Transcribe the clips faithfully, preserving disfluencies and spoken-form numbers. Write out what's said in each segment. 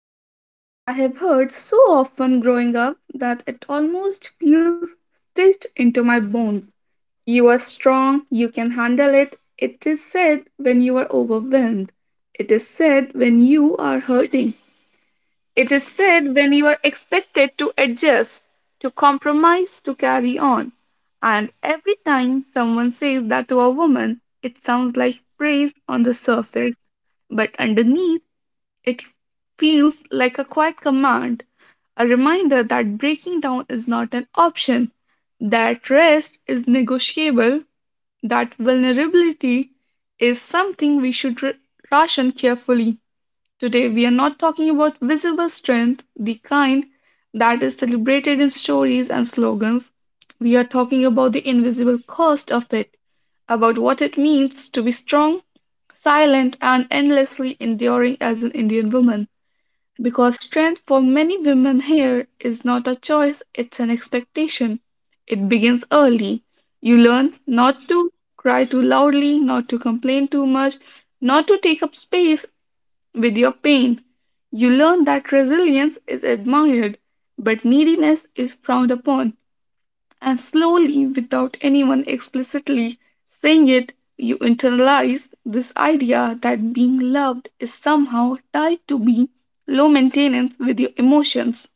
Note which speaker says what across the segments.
Speaker 1: sentence I have heard so often growing up that it almost feels stitched into my bones. You are strong, you can handle it. It is said when you are overwhelmed. It is said when you are hurting. It is said when you are expected to adjust, to compromise, to carry on. And every time someone says that to a woman, it sounds like praise on the surface, but underneath it feels like a quiet command, a reminder that breaking down is not an option, that rest is negotiable, that vulnerability is something we should r- ration carefully. Today, we are not talking about visible strength, the kind that is celebrated in stories and slogans. We are talking about the invisible cost of it, about what it means to be strong, silent, and endlessly enduring as an Indian woman. Because strength for many women here is not a choice, it's an expectation. It begins early. You learn not to cry too loudly, not to complain too much, not to take up space with your pain. You learn that resilience is admired, but neediness is frowned upon. And slowly, without anyone explicitly saying it, you internalize this idea that being loved is somehow tied to being low maintenance with your emotions.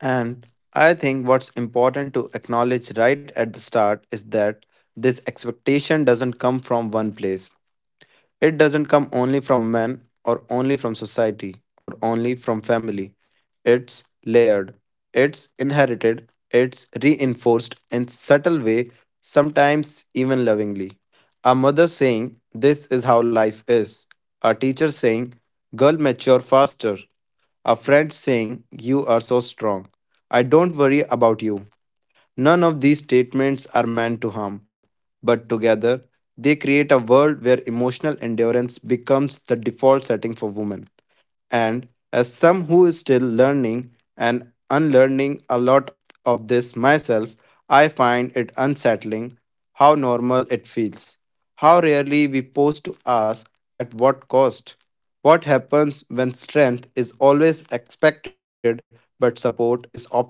Speaker 2: And I think what's important to acknowledge right at the start is that this expectation doesn't come from one place. It doesn't come only from men or only from society or only from family. It's layered, it's inherited, it's reinforced in subtle way, sometimes even lovingly. A mother saying, this is how life is. A teacher saying, girl, mature faster. A friend saying, you are so strong. I don't worry about you. None of these statements are meant to harm, but together they create a world where emotional endurance becomes the default setting for women. And as some who is still learning and unlearning a lot of this myself, I find it unsettling how normal it feels. How rarely we pause to ask at what cost? What happens when strength is always expected but support is optional?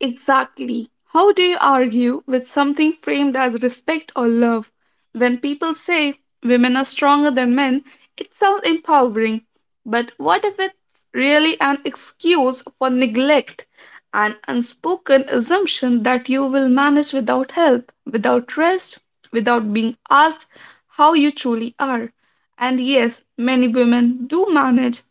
Speaker 1: Exactly. How do you argue with something framed as respect or love? When people say women are stronger than men, it sounds empowering. But what if it's really an excuse for neglect, an unspoken assumption that you will manage without help, without rest, without being asked how you truly are? And yes, many women do manage,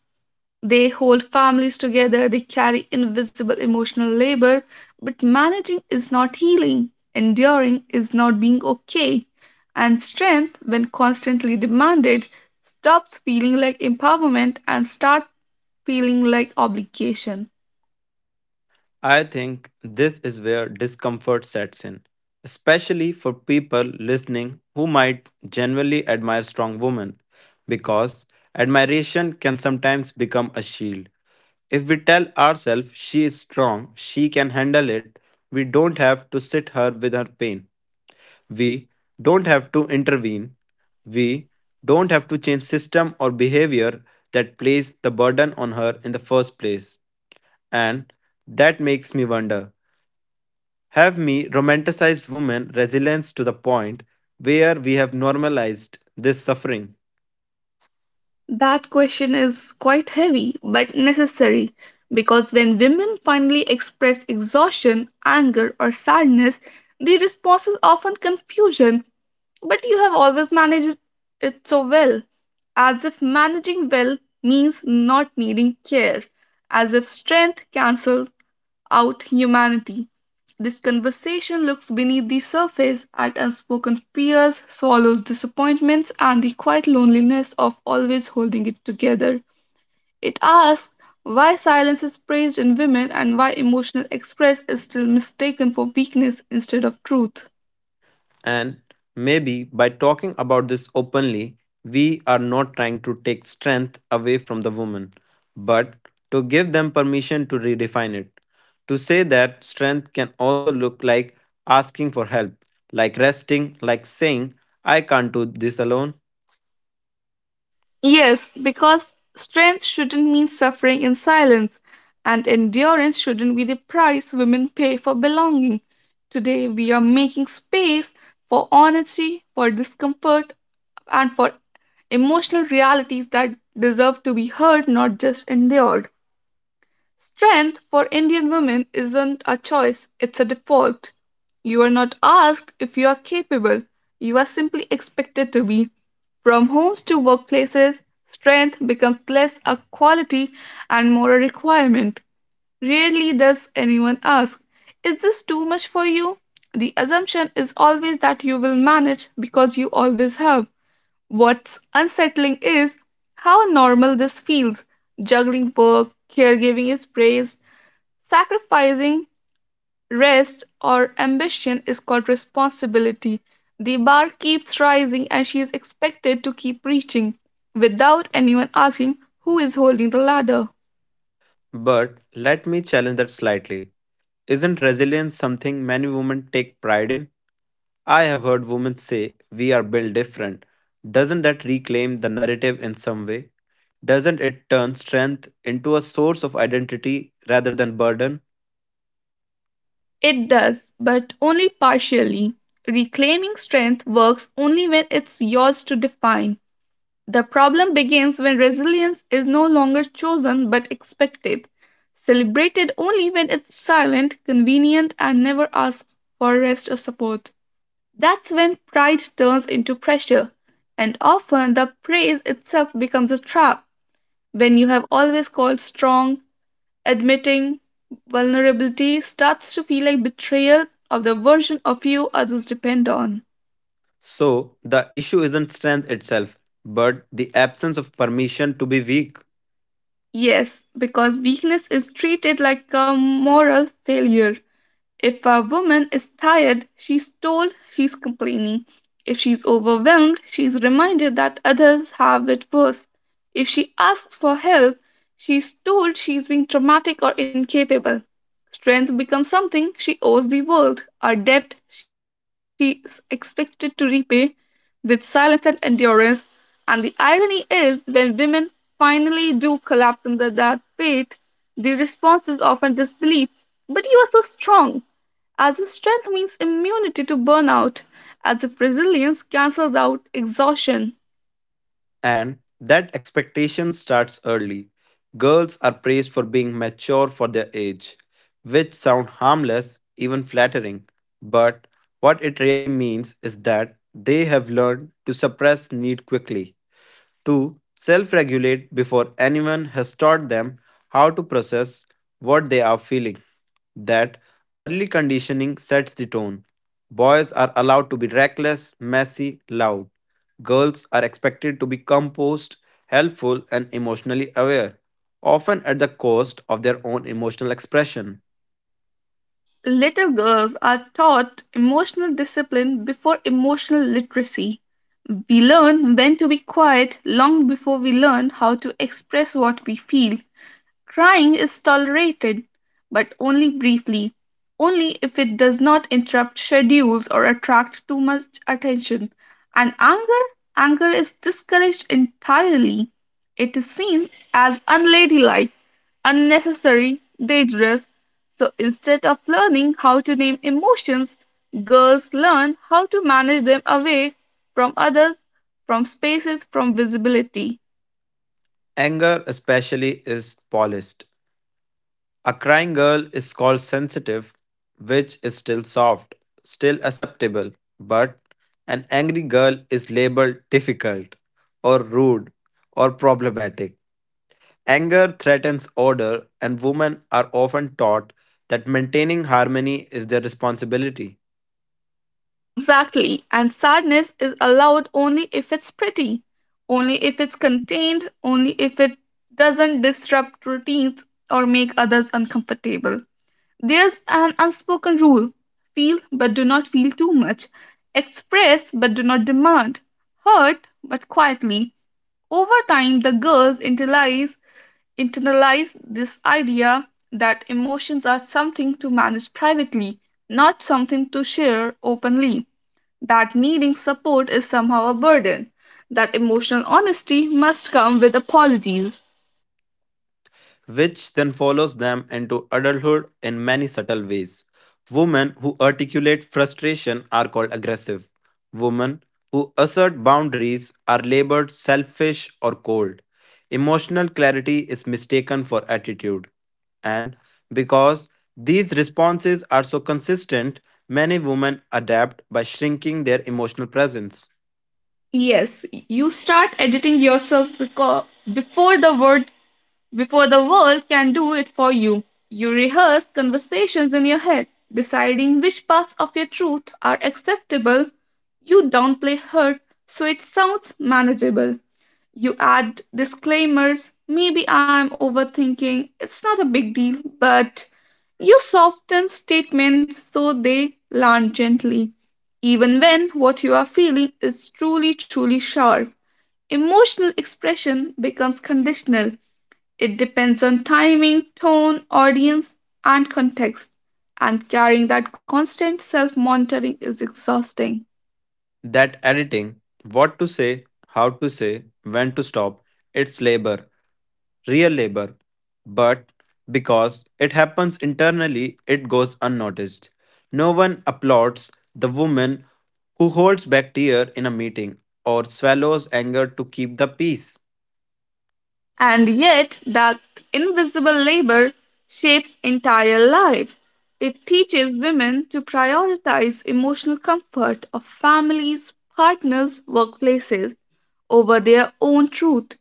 Speaker 1: they hold families together, they carry invisible emotional labor, but managing is not healing, enduring is not being okay, and strength, when constantly demanded, stops feeling like empowerment and starts feeling like obligation.
Speaker 2: I think this is where discomfort sets in, especially for people listening who might genuinely admire strong women, because admiration can sometimes become a shield. If we tell ourselves she is strong, she can handle it, we don't have to sit her with her pain. We don't have to intervene. We don't have to change system or behavior that placed the burden on her in the first place. And that makes me wonder, have we romanticized women resilience to the point where we have normalized this suffering?
Speaker 1: That question is quite heavy but necessary, because when women finally express exhaustion, anger, or sadness, their response is often confusion. But you have always managed it so well, as if managing well means not needing care, as if strength cancels out humanity. This conversation looks beneath the surface at unspoken fears, swallows disappointments, and the quiet loneliness of always holding it together. It asks why silence is praised in women and why emotional express is still mistaken for weakness instead of truth.
Speaker 2: And maybe by talking about this openly, we are not trying to take strength away from the woman, but to give them permission to redefine it. To say that strength can also look like asking for help, like resting, like saying, I can't do this alone.
Speaker 1: Yes, because strength shouldn't mean suffering in silence, and endurance shouldn't be the price women pay for belonging. Today, we are making space for honesty, for discomfort, and for emotional realities that deserve to be heard, not just endured. Strength for Indian women isn't a choice, it's a default. You are not asked if you are capable, you are simply expected to be. From homes to workplaces, strength becomes less a quality and more a requirement. Rarely does anyone ask, is this too much for you? The assumption is always that you will manage because you always have. What's unsettling is how normal this feels. Juggling work, caregiving is praised. Sacrificing rest or ambition is called responsibility. The bar keeps rising and she is expected to keep reaching without anyone asking who is holding the ladder.
Speaker 2: But let me challenge that slightly. Isn't resilience something many women take pride in? I have heard women say, we are built different. Doesn't that reclaim the narrative in some way? Doesn't it turn strength into a source of identity rather than burden?
Speaker 1: It does, but only partially. Reclaiming strength works only when it's yours to define. The problem begins when resilience is no longer chosen but expected, celebrated only when it's silent, convenient, and never asks for rest or support. That's when pride turns into pressure, and often the praise itself becomes a trap. When you have always called strong, admitting vulnerability starts to feel like betrayal of the version of you others depend on.
Speaker 2: So, the issue isn't strength itself, but the absence of permission to be weak.
Speaker 1: Yes, because weakness is treated like a moral failure. If a woman is tired, she's told she's complaining. If she's overwhelmed, she's reminded that others have it worse. If she asks for help, she's told she's being traumatic or incapable. Strength becomes something she owes the world, a debt she is expected to repay with silence and endurance. And the irony is, when women finally do collapse under that weight, the response is often disbelief. But you are so strong. As if strength means immunity to burnout, as if resilience cancels out exhaustion.
Speaker 2: And that expectation starts early. Girls are praised for being mature for their age, which sound harmless, even flattering. But what it really means is that they have learned to suppress need quickly to self regulate before anyone has taught them how to process what they are feeling. That early conditioning sets the tone. Boys are allowed to be reckless, messy, loud. Girls are expected to be composed, helpful, and emotionally aware, often at the cost of their own emotional expression.
Speaker 1: Little girls are taught emotional discipline before emotional literacy. We learn when to be quiet long before we learn how to express what we feel. Crying is tolerated, but only briefly, only if it does not interrupt schedules or attract too much attention. And anger, anger is discouraged entirely. It is seen as unladylike, unnecessary, dangerous. So instead of learning how to name emotions, girls learn how to manage them away from others, from spaces, from visibility.
Speaker 2: Anger, especially, is policed. A crying girl is called sensitive, which is still soft, still acceptable, but an angry girl is labeled difficult, or rude, or problematic. Anger threatens order, and women are often taught that maintaining harmony is their responsibility.
Speaker 1: Exactly. And sadness is allowed only if it's pretty, only if it's contained, only if it doesn't disrupt routines or make others uncomfortable. There's an unspoken rule: feel but do not feel too much, express but do not demand, hurt but quietly. Over time, the girls internalize, internalize this idea that emotions are something to manage privately, not something to share openly, that needing support is somehow a burden, that emotional honesty must come with apologies.
Speaker 2: Which then follows them into adulthood in many subtle ways. Women who articulate frustration are called aggressive. Women who assert boundaries are labeled selfish or cold. Emotional clarity is mistaken for attitude. And because these responses are so consistent, many women adapt by shrinking their emotional presence.
Speaker 1: Yes, you start editing yourself, because before the word before the world can do it for you. You rehearse conversations in your head, deciding which parts of your truth are acceptable. You downplay hurt so it sounds manageable. You add disclaimers, maybe I'm overthinking, it's not a big deal, but you soften statements so they land gently, even when what you are feeling is truly, truly sharp. Emotional expression becomes conditional. It depends on timing, tone, audience, and context. And carrying that constant self monitoring is exhausting.
Speaker 2: That editing, what to say, how to say, when to stop, it's labor, real labor, but because it happens internally, it goes unnoticed. No one applauds the woman who holds back tear in a meeting or swallows anger to keep the peace.
Speaker 1: And yet, that invisible labor shapes entire lives. It teaches women to prioritize emotional comfort of families, partners, workplaces over their own truth.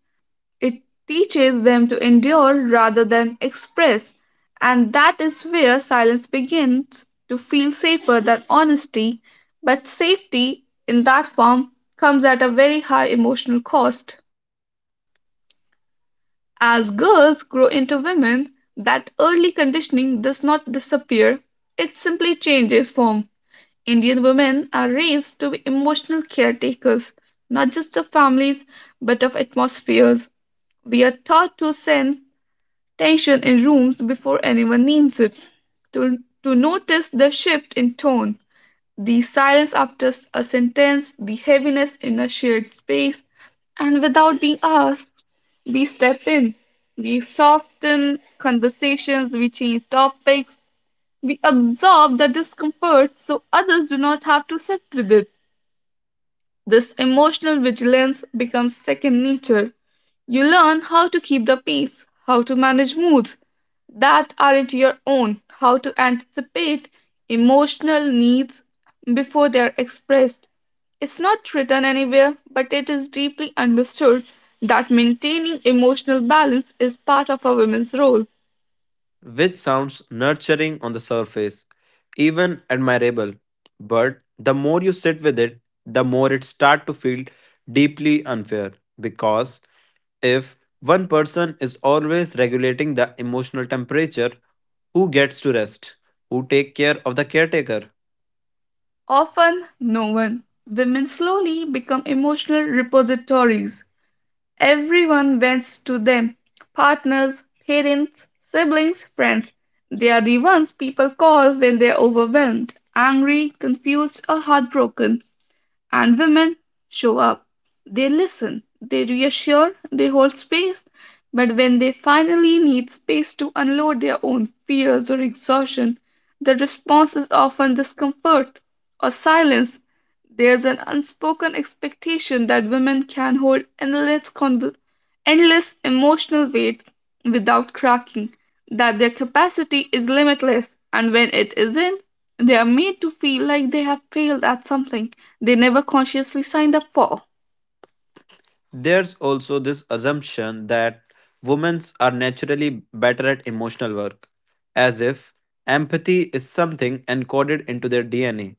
Speaker 1: It teaches them to endure rather than express. And that is where silence begins to feel safer than honesty. But safety in that form comes at a very high emotional cost. As girls grow into women, that early conditioning does not disappear, it simply changes form. Indian women are raised to be emotional caretakers, not just of families, but of atmospheres. We are taught to sense tension in rooms before anyone names it, to, to notice the shift in tone, the silence after s- a sentence, the heaviness in a shared space, and without being asked, we step in. We soften conversations, we change topics, we absorb the discomfort so others do not have to sit with it. This emotional vigilance becomes second nature. You learn how to keep the peace, how to manage moods that aren't your own, how to anticipate emotional needs before they are expressed. It's not written anywhere, but it is deeply understood that maintaining emotional balance is part of a woman's role.
Speaker 2: Which sounds nurturing on the surface, even admirable. But the more you sit with it, the more it starts to feel deeply unfair. Because if one person is always regulating the emotional temperature, who gets to rest? Who take care of the caretaker?
Speaker 1: Often, no one. Women slowly become emotional repositories. Everyone bends to them: partners, parents, siblings, friends. They are the ones people call when they're overwhelmed, angry, confused, or heartbroken. And women show up. They listen, they reassure, they hold space. But when they finally need space to unload their own fears or exhaustion, the response is often discomfort or silence. There's an unspoken expectation that women can hold endless, conv- endless emotional weight without cracking, that their capacity is limitless, and when it isn't, they are made to feel like they have failed at something they never consciously signed up for.
Speaker 2: There's also this assumption that women are naturally better at emotional work, as if empathy is something encoded into their D N A,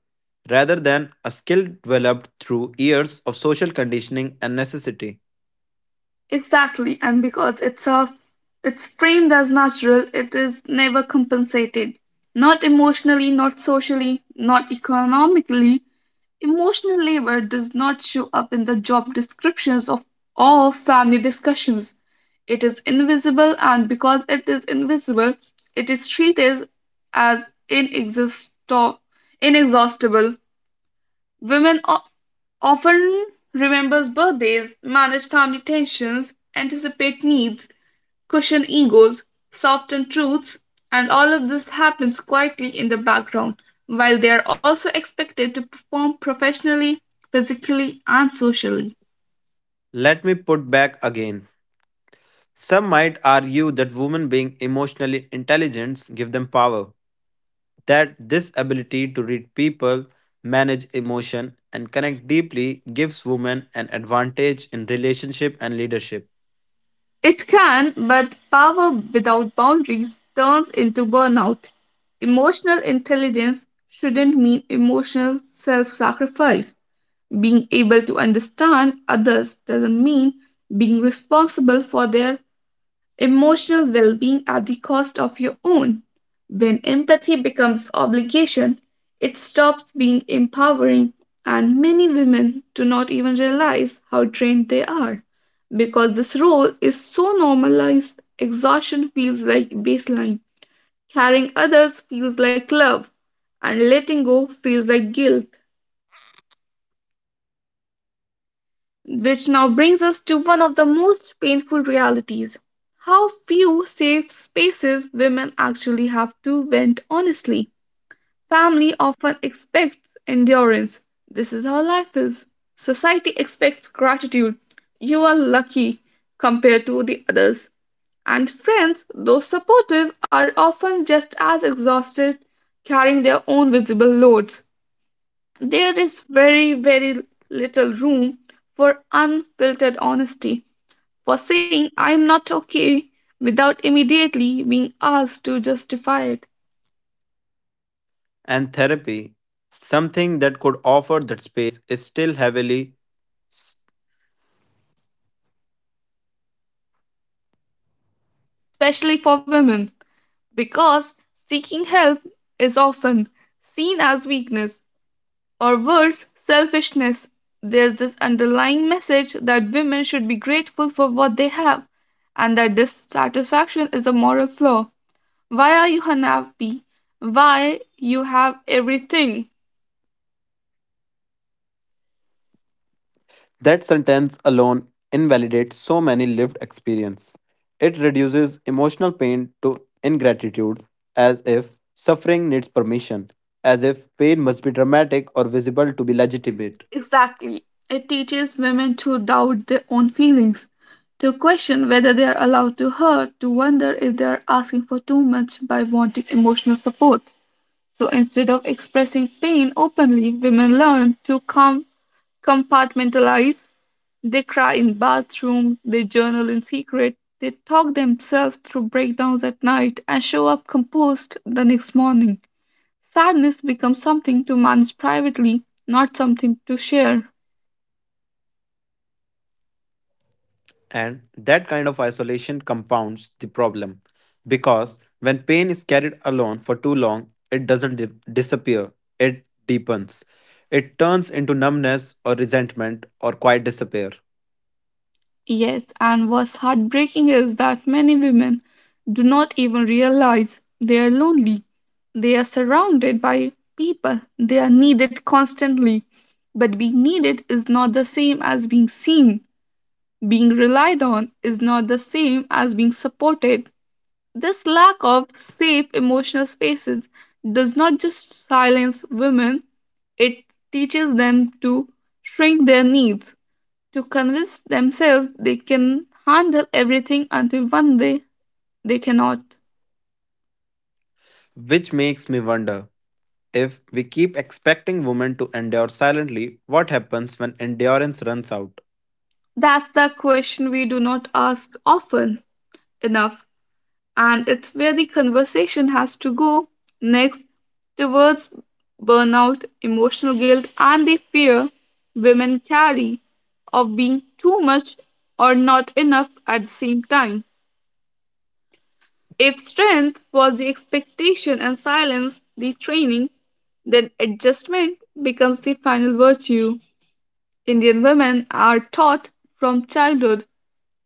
Speaker 2: rather than a skill developed through years of social conditioning and necessity.
Speaker 1: Exactly, and because it's a, it's framed as natural, it is never compensated. Not emotionally, not socially, not economically. Emotional labor does not show up in the job descriptions of or family discussions. It is invisible, and because it is invisible, it is treated as inexhausto- inexhaustible. Women o- often remembers birthdays, manage family tensions, anticipate needs, cushion egos, soften truths, and all of this happens quietly in the background while they are also expected to perform professionally, physically, and socially.
Speaker 2: Let me put back again. Some might argue that women being emotionally intelligent give them power, that this ability to read people, manage emotion, and connect deeply gives women an advantage in relationship and leadership.
Speaker 1: It can, but power without boundaries turns into burnout. Emotional intelligence shouldn't mean emotional self sacrifice. Being able to understand others doesn't mean being responsible for their emotional well being at the cost of your own. When empathy becomes obligation, it stops being empowering, and many women do not even realize how trained they are. Because this role is so normalized, exhaustion feels like baseline, carrying others feels like love, and letting go feels like guilt. Which now brings us to one of the most painful realities: how few safe spaces women actually have to vent honestly. Family often expects endurance. This is how life is. Society expects gratitude. You are lucky compared to the others. And friends, though supportive, are often just as exhausted carrying their own visible loads. There is very, very little room for unfiltered honesty, for saying I'm not okay without immediately being asked to justify it,
Speaker 2: And therapy, something that could offer that space, is still heavily.
Speaker 1: especially for women, because seeking help is often seen as weakness or worse, selfishness. There's this underlying message that women should be grateful for what they have and that dissatisfaction is a moral flaw. Why are you unhappy? Why you have everything?
Speaker 2: That sentence alone invalidates so many lived experience. It reduces emotional pain to ingratitude, as if suffering needs permission, as if pain must be dramatic or visible to be
Speaker 1: Exactly.
Speaker 2: legitimate.
Speaker 1: It teaches women to doubt their own feelings, to question whether they are allowed to hurt, to wonder if they are asking for too much by wanting emotional support. So instead of expressing pain openly, women learn to com- compartmentalize. They cry in bathrooms, they journal in secret, they talk themselves through breakdowns at night, and show up composed the next morning. Sadness becomes something to manage privately, not something to share.
Speaker 2: And that kind of isolation compounds the problem because when pain is carried alone for too long, it doesn't di- disappear, it deepens. It turns into numbness or resentment or quite despair.
Speaker 1: Yes, and what's heartbreaking is that many women do not even realize they are lonely. They are surrounded by people, they are needed constantly. But being needed is not the same as being seen. Being relied on is not the same as being supported. This lack of safe emotional spaces does not just silence women, it teaches them to shrink their needs, to convince themselves they can handle everything until one day they cannot.
Speaker 2: Which makes me wonder, if we keep expecting women to endure silently, what happens when endurance runs out?
Speaker 1: That's the question we do not ask often enough. And it's where the conversation has to go next, towards burnout, emotional guilt, and the fear women carry of being too much or not enough at the same time. If strength was the expectation and silence the training, then adjustment becomes the final virtue. Indian women are taught from childhood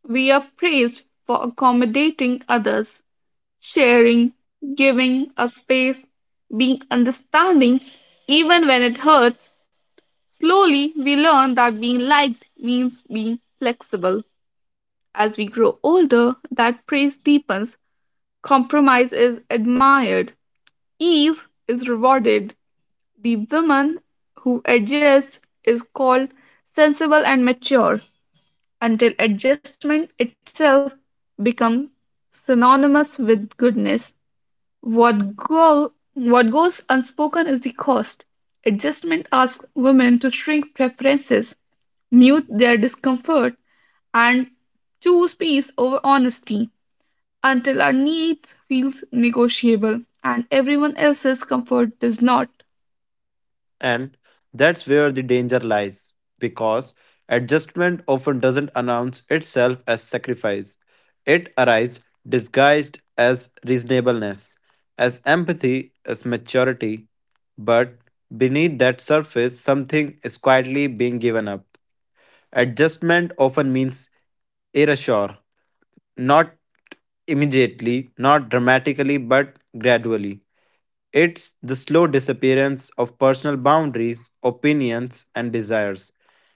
Speaker 1: we are praised for accommodating others, sharing, giving a space, being understanding, even when it hurts. Slowly, we learn that being liked means being flexible. As we grow older, that praise deepens, compromise is admired, ease is rewarded. The woman who adjusts is called sensible and mature, until adjustment itself becomes synonymous with goodness. What go what goes unspoken is the cost. Adjustment asks women to shrink preferences, mute their discomfort, and choose peace over honesty until our needs feels negotiable and everyone else's comfort does not.
Speaker 2: And that's where the danger lies, because adjustment often doesn't announce itself as sacrifice. It arrives disguised as reasonableness, as empathy, as maturity, but beneath that surface, something is quietly being given up. Adjustment often means erasure, not immediately, not dramatically, but gradually. It's the slow disappearance of personal boundaries, opinions, and desires.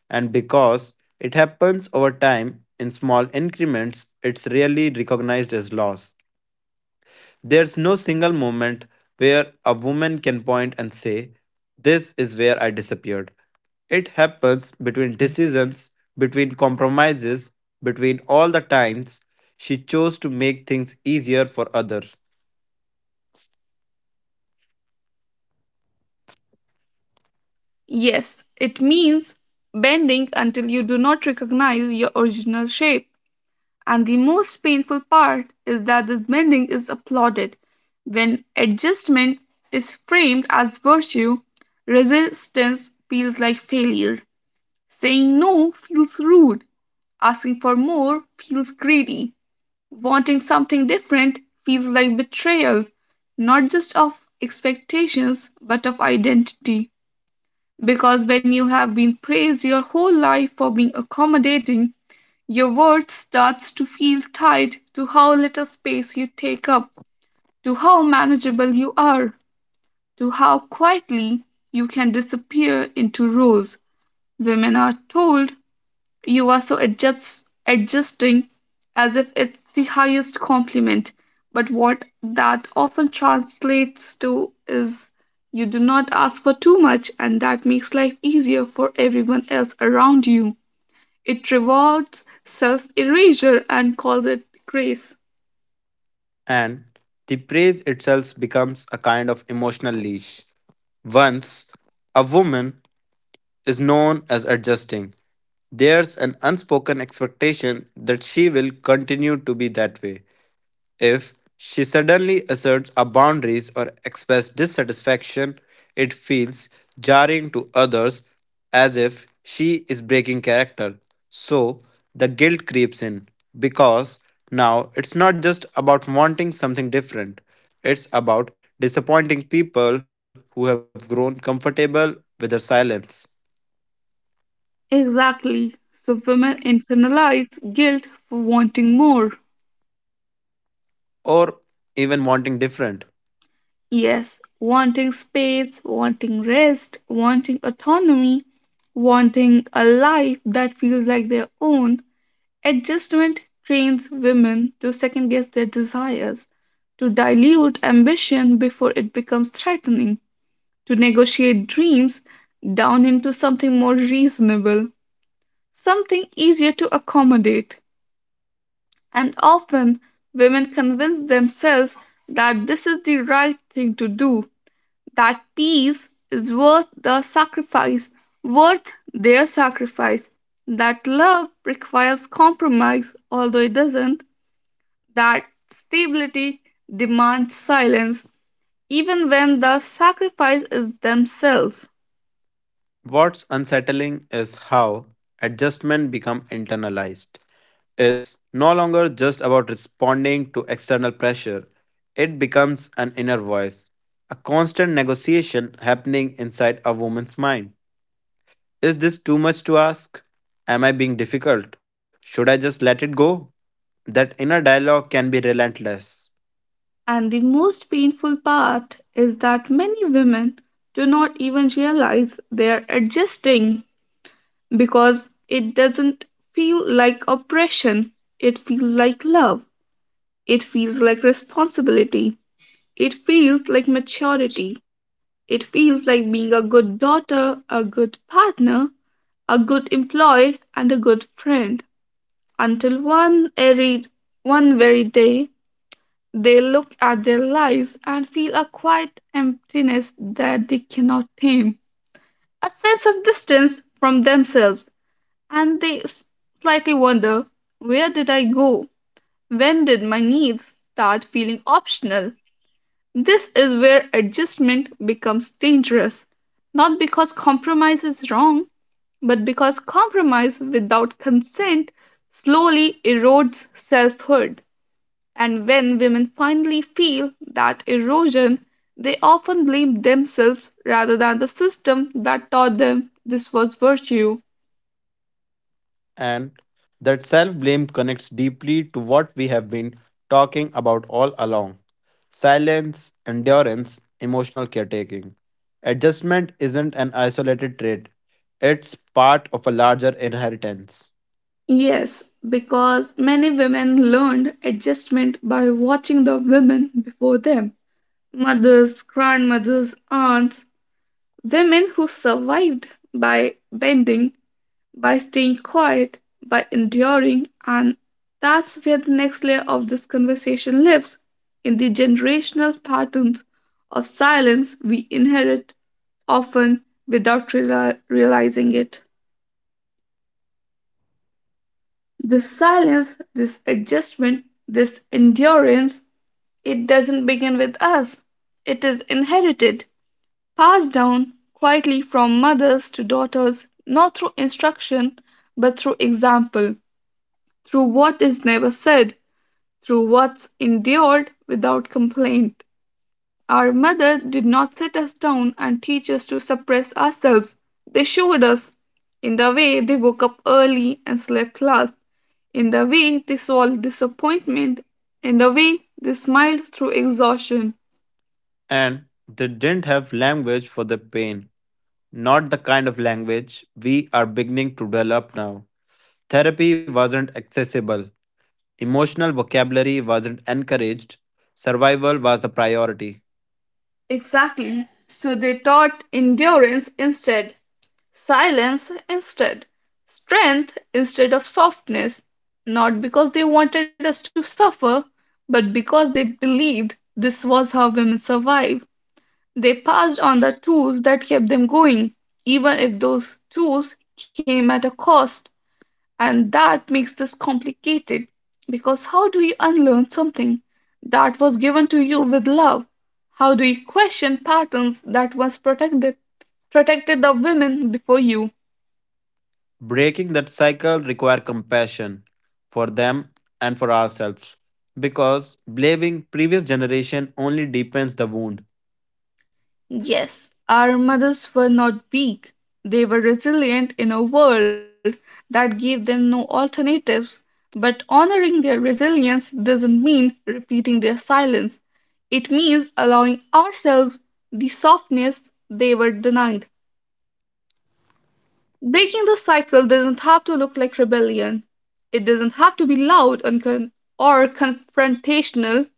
Speaker 2: And because it happens over time in small increments, it's rarely recognized as loss. There's no single moment where a woman can point and say, this is where I disappeared. It happens between decisions, between compromises, between all the times she chose to make things easier for others.
Speaker 1: Yes, it means bending until you do not recognize your original shape. And the most painful part is that this bending is applauded. When adjustment is framed as virtue, resistance feels like failure. Saying no feels rude. Asking for more feels greedy. Wanting something different feels like betrayal, not just of expectations, but of identity. Because when you have been praised your whole life for being accommodating, your worth starts to feel tied to how little space you take up, to how manageable you are, to how quietly you can disappear into roles. Women are told you are so adjust, adjusting, as if it's the highest compliment, but what that often translates to is you do not ask for too much, and that makes life easier for everyone else around you. It rewards self erasure and calls it grace.
Speaker 2: And the praise itself becomes a kind of emotional leash. Once a woman is known as adjusting, there's an unspoken expectation that she will continue to be that way. If she suddenly asserts our boundaries or expresses dissatisfaction, it feels jarring to others as if she is breaking character. So the guilt creeps in because now it's not just about wanting something different, it's about disappointing people who have grown comfortable with her silence
Speaker 1: Exactly. So women internalize guilt for wanting more.
Speaker 2: or even wanting different.
Speaker 1: Yes, wanting space, wanting rest, wanting autonomy, wanting a life that feels like their own. Adjustment trains women to second guess their desires, to dilute ambition before it becomes threatening, to negotiate dreams down into something more reasonable, something easier to accommodate. And often women convince themselves that this is the right thing to do, that peace is worth the sacrifice, worth their sacrifice, that love requires compromise, although it doesn't, that stability demands silence, even when the sacrifice is themselves.
Speaker 2: What's unsettling is how adjustment become internalized. It's no longer just about responding to external pressure. It becomes an inner voice, a constant negotiation happening inside a woman's mind. Is this too much to ask? Am I being difficult? Should I just let it go? That inner dialogue can be relentless.
Speaker 1: And the most painful part is that many women do not even realize they are adjusting because it doesn't feel like oppression. It feels like love. It feels like responsibility. It feels like maturity. It feels like being a good daughter, a good partner, a good employee, and a good friend. Until one, airy, one very day, they look at their lives and feel a quiet emptiness that they cannot tame, a sense of distance from themselves, and they s- slightly wonder, where did I go? When did my needs start feeling optional? This is where adjustment becomes dangerous, not because compromise is wrong, but because compromise without consent slowly erodes selfhood. And when women finally feel that erosion, they often blame themselves rather than the system that taught them this was virtue.
Speaker 2: And that self blame connects deeply to what we have been talking about all along, silence, endurance, emotional caretaking. Adjustment isn't an isolated trait, it's part of a larger inheritance.
Speaker 1: Yes, because many women learned adjustment by watching the women before them, mothers, grandmothers, aunts, women who survived by bending, by staying quiet, by enduring, and that's where the next layer of this conversation lives, in the generational patterns of silence we inherit, often without reali- realizing it. This silence, this adjustment, this endurance, it doesn't begin with us. It is inherited, passed down quietly from mothers to daughters, not through instruction, but through example, through what is never said, through what's endured without complaint. Our mother did not sit us down and teach us to suppress ourselves. They showed us. In the way they woke up early and slept last. In the way they solved disappointment. In the way they smiled through exhaustion.
Speaker 2: And they didn't have language for the pain, not the kind of language we are beginning to develop now. Therapy wasn't accessible, emotional vocabulary wasn't encouraged, survival was the priority.
Speaker 1: Exactly. So they taught endurance instead. Silence instead. Strength instead of softness. Not because they wanted us to suffer, but because they believed this was how women survive. They passed on the tools that kept them going, even if those tools came at a cost. And that makes this complicated because how do you unlearn something that was given to you with love? How do you question patterns that once protected protected the women before you?
Speaker 2: Breaking that cycle requires compassion for them and for ourselves because blaming previous generation only deepens the wound.
Speaker 1: Yes, our mothers were not weak. They were resilient in a world that gave them no alternatives. But honoring their resilience doesn't mean repeating their silence. It means allowing ourselves the softness they were denied. Breaking the cycle doesn't have to look like rebellion. It doesn't have to be loud and con- or confrontational.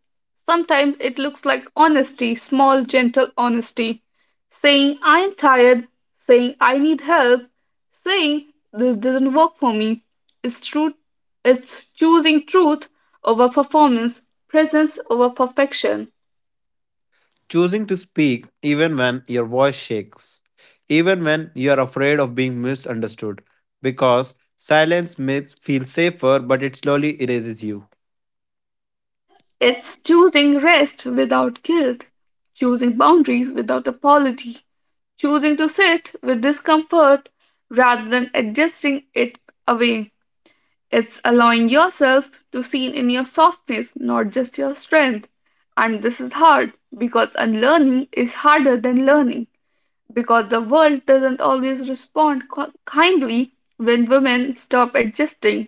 Speaker 1: Sometimes it looks like honesty, small, gentle honesty. Saying, I am tired, saying, I need help, saying, this doesn't work for me. It's, true- it's choosing truth over performance, presence over perfection.
Speaker 2: Choosing to speak even when your voice shakes, even when you are afraid of being misunderstood because silence may feel safer but it slowly erases you.
Speaker 1: It's choosing rest without guilt, choosing boundaries without apology, choosing to sit with discomfort rather than adjusting it away. It's allowing yourself to see in your softness, not just your strength. And this is hard because unlearning is harder than learning, because the world doesn't always respond qu- kindly when women stop adjusting.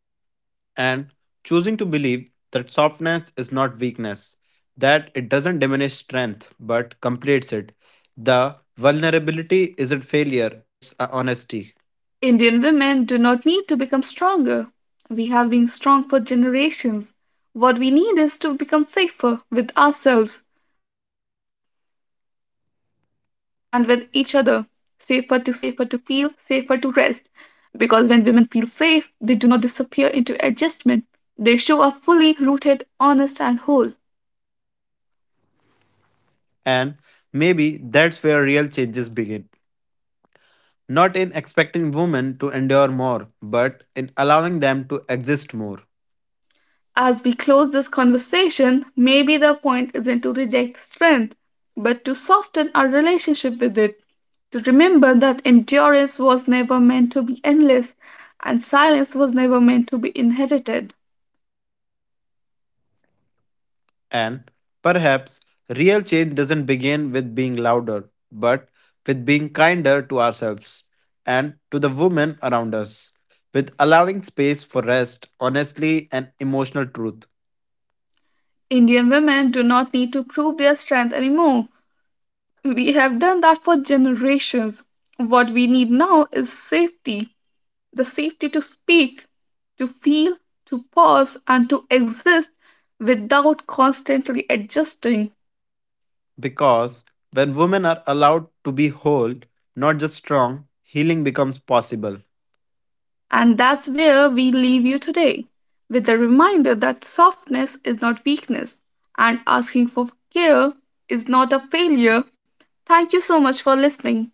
Speaker 2: And choosing to believe that softness is not weakness, that it doesn't diminish strength but completes it. The vulnerability isn't failure, it's a honesty.
Speaker 1: Indian women do not need to become stronger. We have been strong for generations. What we need is to become safer with ourselves and with each other. Safer to speak, safer to feel, safer to rest. Because when women feel safe, they do not disappear into adjustment. They show up fully rooted, honest, and whole.
Speaker 2: And maybe that's where real changes begin. Not in expecting women to endure more, but in allowing them to exist more.
Speaker 1: As we close this conversation, maybe the point isn't to reject strength, but to soften our relationship with it, to remember that endurance was never meant to be endless and silence was never meant to be inherited.
Speaker 2: And perhaps real change doesn't begin with being louder, but with being kinder to ourselves and to the women around us, with allowing space for rest, honestly, and emotional truth.
Speaker 1: Indian women do not need to prove their strength anymore. We have done that for generations. What we need now is safety, the safety to speak, to feel, to pause, and to exist without constantly adjusting.
Speaker 2: Because when women are allowed to be whole, not just strong, healing becomes possible.
Speaker 1: And that's where we leave you today, with the reminder that softness is not weakness and asking for care is not a failure. Thank you so much for listening.